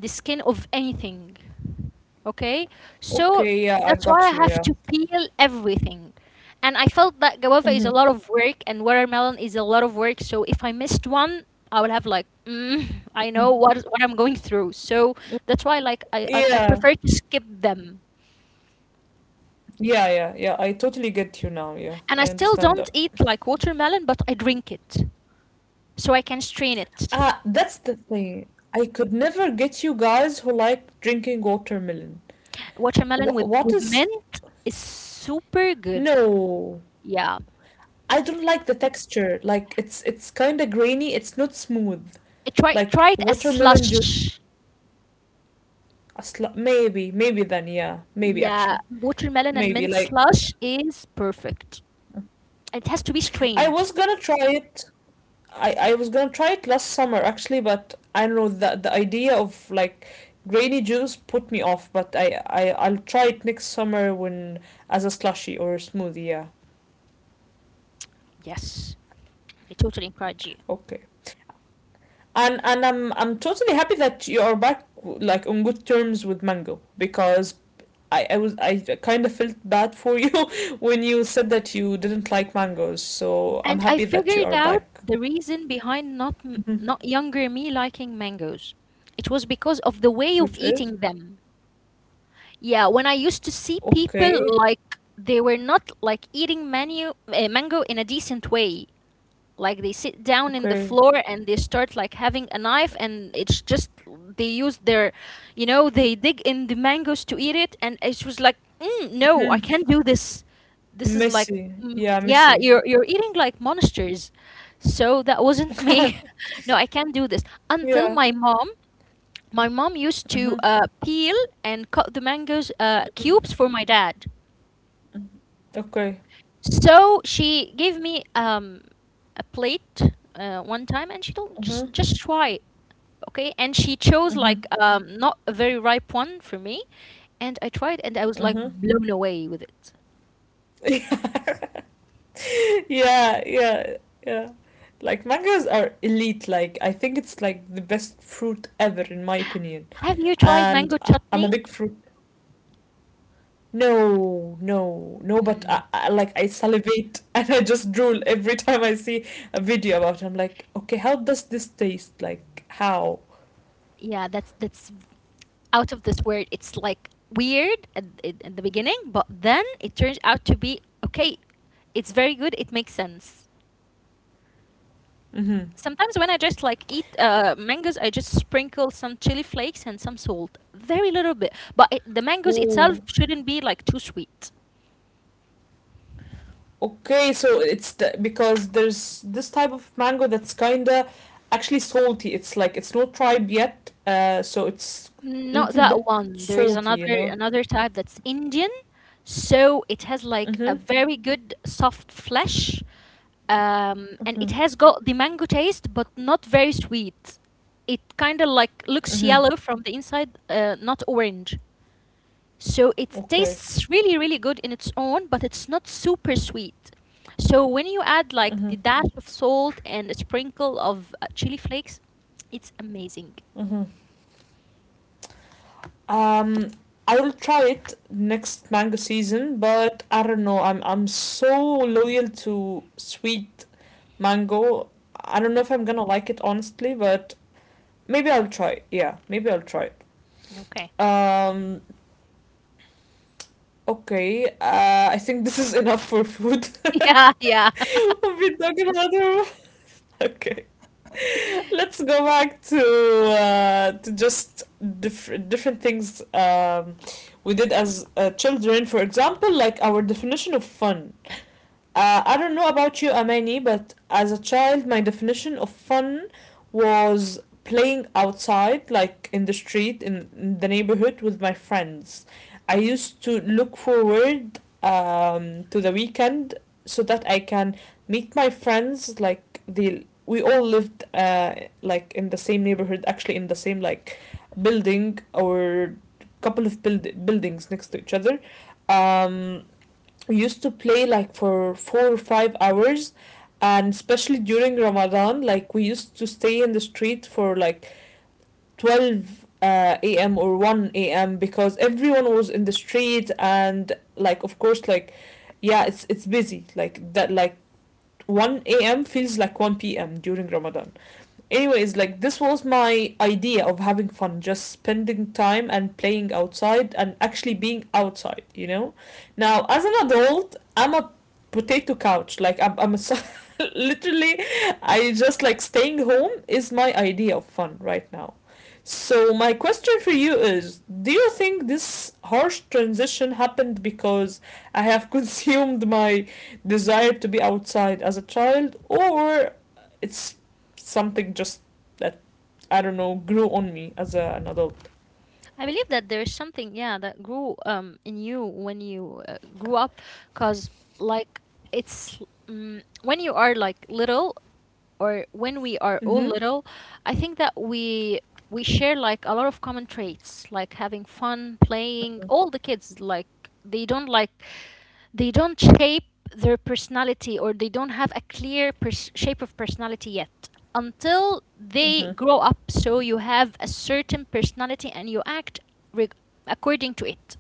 the skin of anything. Okay, so Okay, yeah, I that's why I got you, have yeah. to peel everything. And I felt that guava is a Mm-hmm. lot of work and watermelon is a lot of work. So if I missed one, I would have like I Mm. know what I'm going through. So that's why like I Yeah, prefer to skip them. yeah, yeah, yeah. I totally get you now. Yeah, And I I still understand don't that. eat like watermelon, but I drink it so I can strain it. Ah, that's the thing. I could never get you guys who like drinking watermelon. Watermelon with, What with is? mint is super good. No, Yeah. I don't like the texture. Like it's kind of grainy. It's not smooth. It try try Like it as watermelon juice. slush. Maybe, maybe then. Yeah, maybe Yeah, actually, watermelon and maybe mint like slush is perfect. It has to be I strained. was gonna try it. I was gonna try it last summer actually, but I don't know the idea of like grainy juice put me off. But I'll try it next summer when as a slushy or a smoothie. Yeah, Yes, I totally encourage you. okay. And I'm totally happy that you are back like on good terms with Mango because I was I kind of felt bad for you when you said that you didn't like mangoes. So I'm And I happy that you figured are out back. the reason behind not m- Mhm. not younger me liking mangoes. It was because of the way of Which is eating them. Yeah, when I used to see people okay. like they were not like eating menu mango in a decent way, like they sit down in the Okay. floor, and they start like having a knife, and it's just they use their you know they dig in the mangoes to eat it. And it was like no, I Mm-hmm. can't do this. This is like Messi. Yeah, yeah, Messi. you're eating like monsters. So that wasn't me. No, I can't do this until Yeah. my mom used to Mhm, peel and cut the mangoes mhm, cubes for my dad. mhm. Okay. So she gave me a plate one time, and she told Mhm, just try it, okay? And she chose mhm, like not a very ripe one for me, and I tried, and I was like mhm. blown away with it. Yeah, yeah, yeah, yeah. Like mangoes are elite. Like I think it's like the best fruit ever in my opinion. Have you tried And mango I'm a chutney? big fruit. No, no, no. But Mm, I like I salivate and I just drool every time I see a video about it. I'm like, okay, how does this taste? Like how? yeah, that's out of this world. It's like weird at the beginning, but then it turns out to be okay. It's very good, it makes sense. Sometimes when I just like eat mangoes, I just sprinkle some chili flakes and some salt, very little bit. But the mangoes Mm-hmm. itself shouldn't be like too sweet. Okay, so it's the, because there's this type of mango that's kinda actually salty. It's like it's not ripe yet, so it's a Not little that bit one. There is salty, you another know. another type that's Indian. So it has like a Mhm. very good soft flesh. And it Mhm. has got the mango taste but not very sweet. It kind of like looks Mhm. yellow from the inside, not orange. So it Okay. tastes really, really good in its own, but it's not super sweet. So when you add like the Mhm. dash of salt and a sprinkle of chili flakes, it's amazing. Mhm. Um, I will try it next mango season, but I don't know. I'm so loyal to sweet mango. I don't know if I'm gonna like it honestly, but maybe I'll try. It. Yeah, maybe I'll try it. Okay. Um, Okay, I think this is enough for food. Yeah, yeah. We've been talking about it. Okay, let's go back to just different things we did as children. For example, like our definition of fun. I don't know about you, Amani, but as a child, my definition of fun was playing outside, like in the street, in the neighborhood with my friends. I used to look forward to the weekend so that I can meet my friends. Like the we all lived like in the same neighborhood, actually in the same like building or buildings next to each other. Um, we used to play like for 4 or 5 hours, and especially during ramadan like we used to stay in the street for like 12 a.m or 1 a.m because everyone was in the street and like of course like yeah it's busy like that like 1 a.m feels like 1 p.m during ramadan. Anyways, like this was my idea of having fun, just spending time and playing outside and actually being outside, you know. Now as an adult I'm a potato couch like I'm a, literally I just like staying home is my idea of fun right now. So my question for you is, do you think this harsh transition happened because I have consumed my desire to be outside as a child, or it's something just that I don't know grew on me as an adult. I believe that there is something, yeah, that grew in you when you grew up, cause like it's mm when you are like little, or when we are all Mm-hmm. little, I think that we share like a lot of common traits, like having fun, playing. All the kids like they don't like they don't shape their personality or they don't have a clear shape of personality yet until they grow up. So you have a certain personality and you act reg- according to it.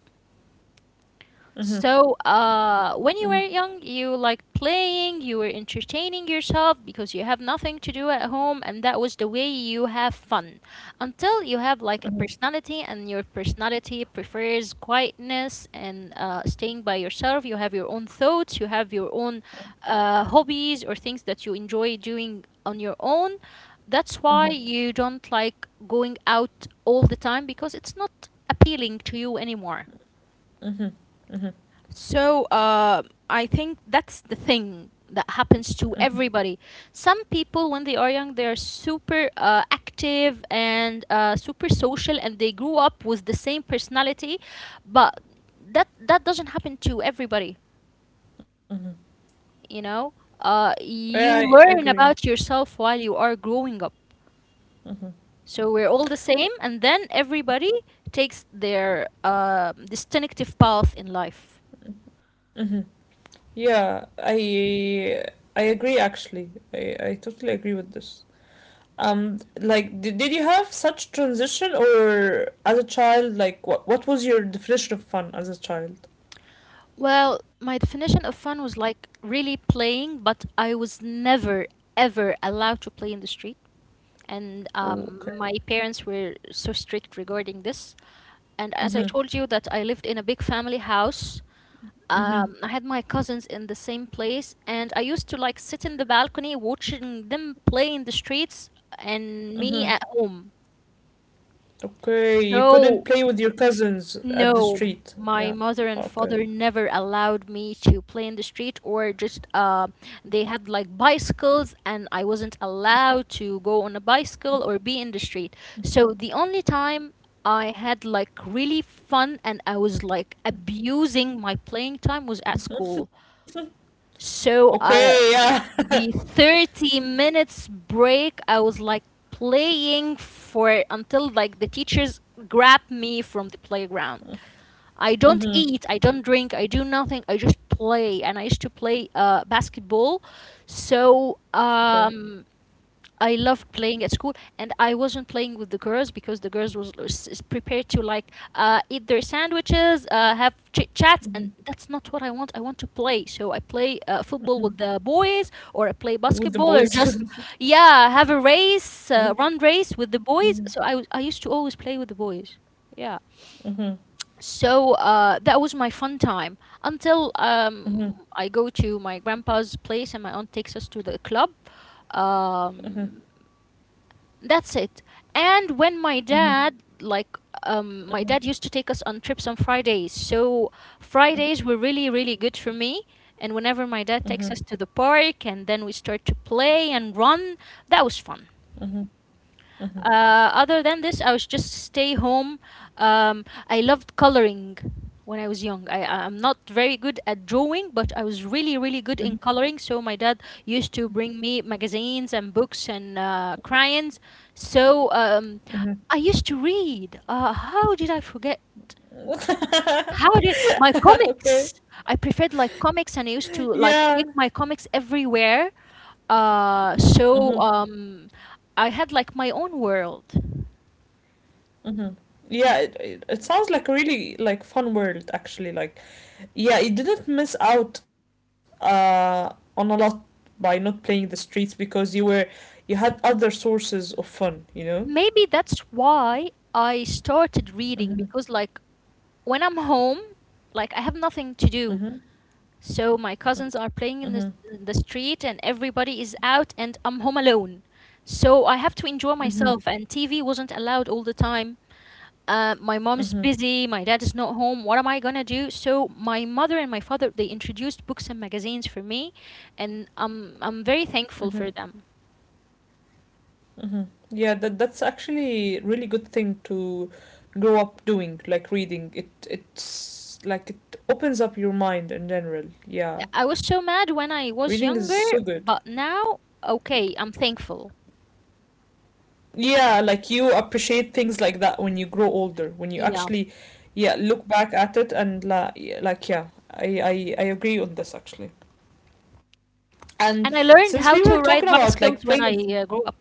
So, when you were young, you liked playing, you were entertaining yourself because you have nothing to do at home, and that was the way you have fun. Until you have like a personality, and your personality prefers quietness and staying by yourself. You have your own thoughts, you have your own hobbies or things that you enjoy doing on your own. That's why you don't like going out all the time because it's not appealing to you anymore. So, I think that's the thing that happens to everybody. Some people, when they are young, they are super active and super social, and they grew up with the same personality. But that that doesn't happen to everybody. You know, you Yeah, learn I about agree. yourself while you are growing up. Mm-hmm. So we're all the same, and then everybody takes their distinctive path in life. Mm-hmm. Yeah, I agree actually. I totally agree with this. Like, did you have such transition or as a child, like, what was your definition of fun as a child? Well, my definition of fun was like really playing, but I was never, ever allowed to play in the street. And Oh, okay. um, my parents were so strict regarding this. And as I Mm-hmm. told you, that I lived in a big family house. Mm-hmm. I had my cousins in the same place, and I used to like sit in the balcony watching them play in the streets and me Mm-hmm. at home. Okay, you couldn't So play with your cousins at the no, street. my Yeah. mother and father Okay. never allowed me to play in the street, or just they had like bicycles and I wasn't allowed to go on a bicycle or be in the street. So the only time I had like really fun and I was like abusing my playing time was at school. so I, Okay, yeah. the 30 minutes break, I was like playing for until like the teachers grab me from the playground. I don't eat, Mm-hmm. I don't drink, I do nothing. I just play, and I used to play basketball. So Okay. um, I loved playing at school, and I wasn't playing with the girls because the girls was prepared to like eat their sandwiches, have chit chats, and Mm-hmm. that's not what I want. I want to play, so I play football with Mm-hmm. the boys, or I play With the basketball, or boys. just yeah, have a race, run race with the boys. Mhm, So I used to always play with the boys. Yeah. mhm, So that was my fun time until mhm, I go to my grandpa's place and my aunt takes us to the club. mhm, Um, that's it. And when my mhm, mhm, dad, like, my mhm, dad used to take us on trips on Fridays. So Fridays were really, really good for me. And whenever my dad takes mhm, us to the park and then we start to play and run, that was fun. mhm, Other than this, I was just stay home. I loved coloring when I was young. I'm not very good at drawing, but I was really really good in mhm, coloring. So my dad used to bring me magazines and books and crayons. So mhm, I used to read. How did I forget? mhm. How did my Okay. comics? I preferred like comics, and I used to Yeah. like take my comics everywhere. Uh, Mm-hmm. so um, I had like my own world. Mm-hmm. Yeah, it sounds like a really like fun world actually, like yeah, you didn't miss out on a lot by not playing the streets because you were you had other sources of fun, you know? Maybe that's why I started reading Mm-hmm. because, like, when I'm home, like, I have nothing to do. Mm-hmm. So my cousins are Mm-hmm. playing in the street and everybody is out, and I'm home alone. So I have to enjoy Mm-hmm. myself, and TV wasn't allowed all the time. My mom's Mm-hmm. busy, my dad is not home, what am I gonna do? So my mother and my father, they introduced books and magazines for me, and I'm very Mm-hmm. thankful for them. Mm-hmm. Yeah, that that's actually really good thing to grow up doing, like reading. It's like it opens up your mind in general. Yeah. I was so mad Reading when is I so was good. younger, but now, okay, I'm thankful. Yeah, like you appreciate things like that when you grow older, when you Yeah, actually, yeah, look back at it and la yeah, like yeah, I agree on this actually. And and since I we were learned how talking to about ride like bicycles playing, when I grew up.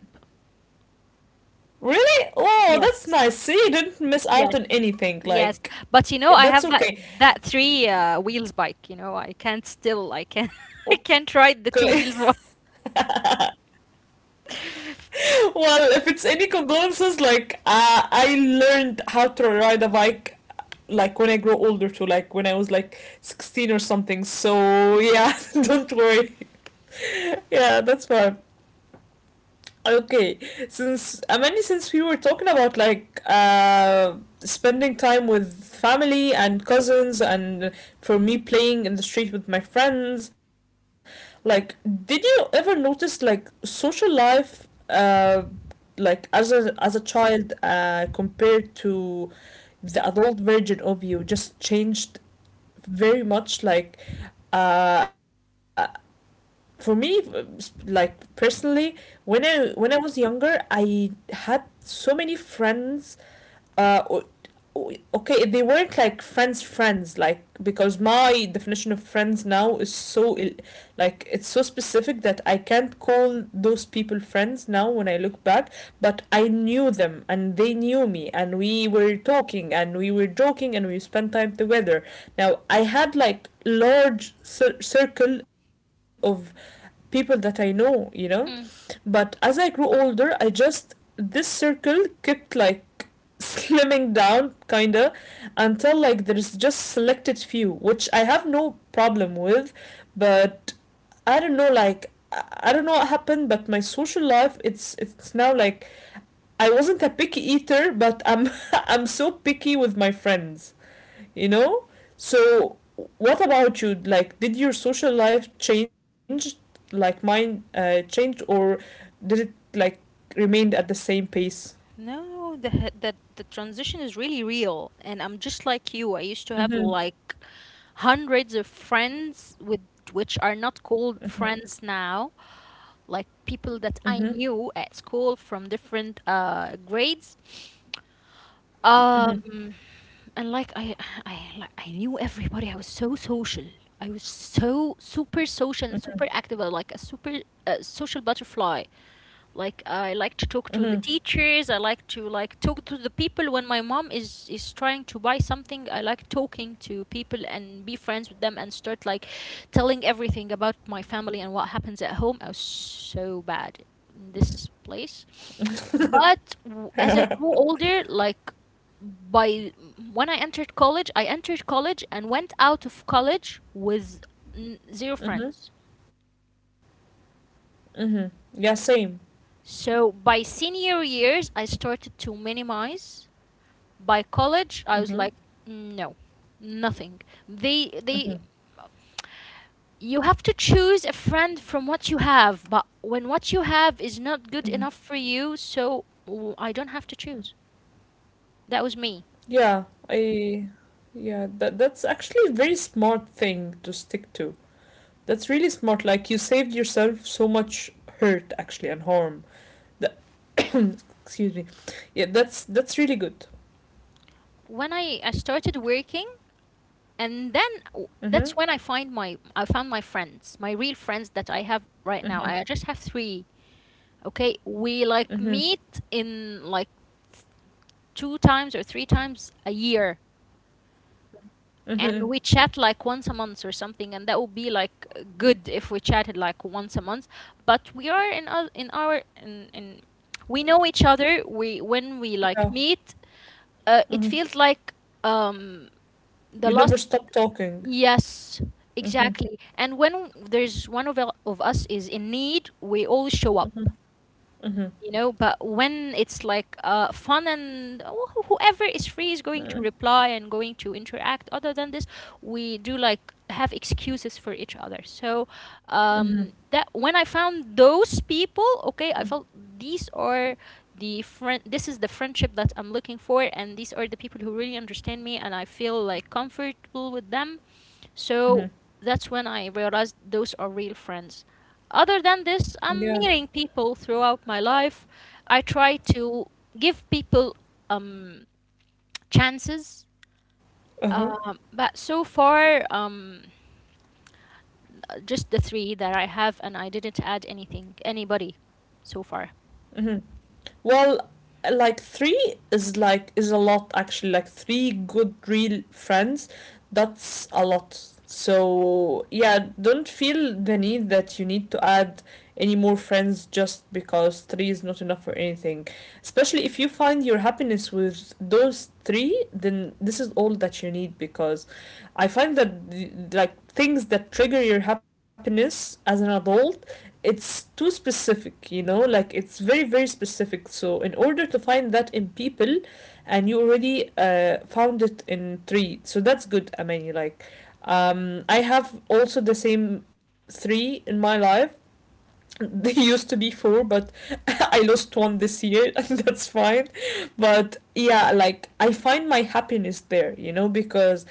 really? Oh, that's Yes. nice. See, you didn't miss out on Yes. anything. Yes. Like, But you know, I have that's that okay. that three wheels bike. I can't still I can I can't ride the two Okay. wheels one. Well, if it's any condolences, like I learned how to ride a bike like when I grow older too, like when I was like 16 or something. So yeah, don't worry. Yeah, that's fine. Okay, since I mean, since we were talking about like spending time with family and cousins, and for me playing in the street with my friends, like, did you ever notice like social life, like as a child, compared to the adult version of you, just changed very much, like, uh, for me like personally when I was younger I had so many friends uh o- okay they weren't like friends friends like because my definition of friends now is like it's so specific that I can't call those people friends now when I look back. But I knew them and they knew me, and we were talking and we were joking and we spent time together. Now I had like large circle of people that I know, you know. Hmm. But as I grew older, I just this circle kept like slimming down kinda until like there's just selected few, which I have no problem with, but I don't know like I don't know what happened, but my social life it's now like I wasn't a picky eater, but I'm I'm so picky with my friends, you know? So, what about you? Like, did your social life change, like mine changed, or did it like remained at the same pace? No, the he- the transition is really real, and I'm just like you. I used to have Mm-hmm. like hundreds of friends with which are not called friends now, like people that I Mm-hmm. knew at school from different grades, Mm-hmm. um, and like I knew everybody. I was so social. I was so super social and super active. I was like a super social butterfly. Like I like to talk to the Mm-hmm. teachers, I like to like talk to the people when my mom is trying to buy something. I like talking to people and be friends with them and start like telling everything about my family and what happens at home. I was so bad in this place. But as I grew older, like by when I entered college and went out of college with zero Mm-hmm. friends. Mm-hmm. Yeah, same. So by senior years, I started to minimize. By college, I was Mm-hmm. like, no, nothing. They Mm-hmm. You have to choose a friend from what you have, but when what you have is not Mm-hmm. good enough for you, so I don't have to choose. That was me. Yeah, I yeah, that that's actually a very smart thing to stick to. That's really smart. Like you saved yourself so much hurt actually and harm. That excuse me. Yeah, that's really good. When I started working, and then Mhm. that's when I found my friends, my real friends that I have right now. Mhm. I just have three. Okay, we like Mhm. meet in like two times or three times a year, Mhm. and we chat like once a month or something, and that would be like good if we chatted like once a month. But we are in we know each other, we when we Yeah. like meet it Mhm. feels like um the You never last stop talking. yes, Mhm. exactly. And when there's one of us is in need, we all show up. Mhm. Mhm. You know, but when it's like fun and well, whoever is free is going to Mhm. reply and going to interact. Other than this, we do like have excuses for each other. So, Mhm. That when I found those people, okay, I felt these are the friend this is the friendship that I'm looking for, and these are the people who really understand me and I feel like comfortable with them. So Mhm. that's when I realized those are real friends. Other than this, Yeah. I'm meeting people throughout my life. I try to give people um, chances, Uh-huh. But so far, just the three that I have, and I didn't add anybody so far. Well, like three is like is a lot actually. Like three good real friends, that's a lot. So yeah, don't feel the need that you need to add any more friends just because three is not enough for anything. Especially if you find your happiness with those three, then this is all that you need, because I find that like things that trigger your happiness as an adult it's too specific, you know, like it's very, very specific. So, in order to find that in people, and you already found it in three, so that's good, Amani. Like, I have also the same three in my life. They used to be four, but I lost one this year, and that's fine. But yeah, like I find my happiness there, you know, because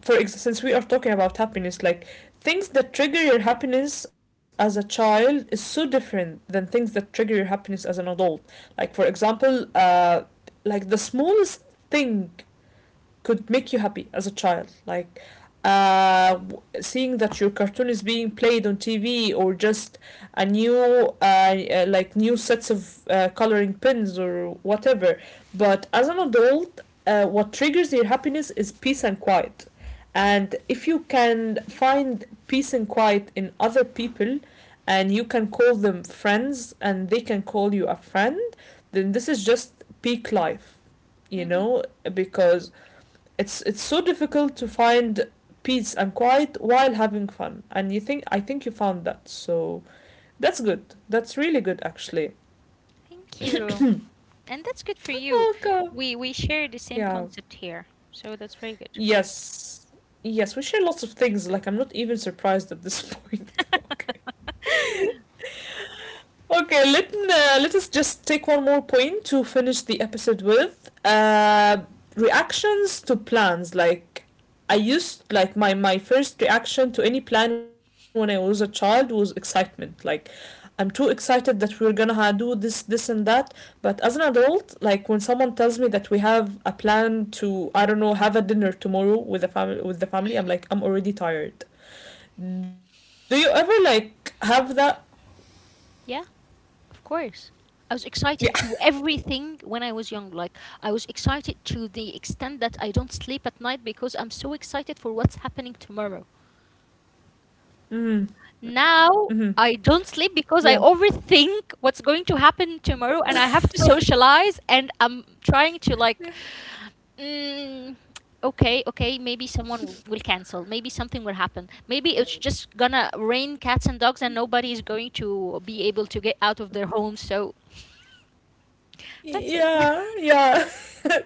since we are talking about happiness, like things that trigger your happiness as a child is so different than things that trigger your happiness as an adult. Like for example like the smallest thing could make you happy as a child, like seeing that your cartoon is being played on TV or just a new like new sets of coloring pins or whatever. But as an adult, what triggers your happiness is peace and quiet. And if you can find peace and quiet in other people, and you can call them friends and they can call you a friend, then this is just peak life, you Mm-hmm. know, because it's so difficult to find peace and quiet while having fun, and you think I think you found that, so that's good, that's really good actually. Thank you. And that's good for you. Okay, We share the same yeah, concept here. So that's very good. yes, yes, we share lots of things like I'm not even surprised at this point. Okay, okay, let let us just take one more point to finish the episode with reactions to plans. Like I used like my first reaction to any plan when I was a child was excitement. Like I'm too excited that we're gonna do this this and that. But as an adult, like when someone tells me that we have a plan to I don't know have a dinner tomorrow with the family, I'm like I'm already tired. Do you ever like have that? Yeah, of course. I was excited to Yeah. everything when I was young. Like, I was excited to the extent that I don't sleep at night because I'm so excited for what's happening tomorrow. Mm. Now, Mm-hmm. I don't sleep because Yeah. I overthink what's going to happen tomorrow, and I have to socialize and I'm trying to, like, mm, okay, okay, maybe someone will cancel. Maybe something will happen. Maybe it's just gonna rain cats and dogs and nobody is going to be able to get out of their homes. So that's it. Yeah, yeah.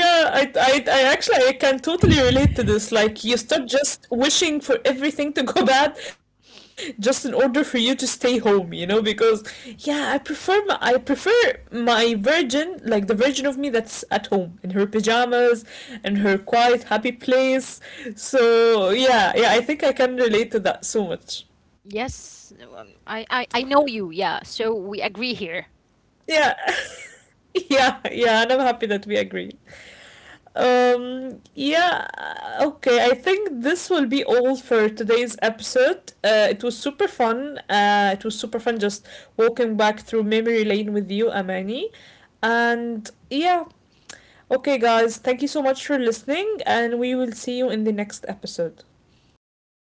Yeah, I actually I can totally relate to this. Like you start just wishing for everything to go bad just in order for you to stay home, you know, because yeah, I prefer my virgin, like the virgin of me that's at home in her pajamas in her quiet, happy place. So, yeah, yeah, I think I can relate to that so much. Yes, I know you. Yeah, so we agree here. Yeah. Yeah, yeah, and I'm happy that we agree. Yeah, okay. I think this will be all for today's episode. It was super fun. It was super fun just walking back through memory lane with you, Amani. And yeah, okay, guys, thank you so much for listening, and we will see you in the next episode.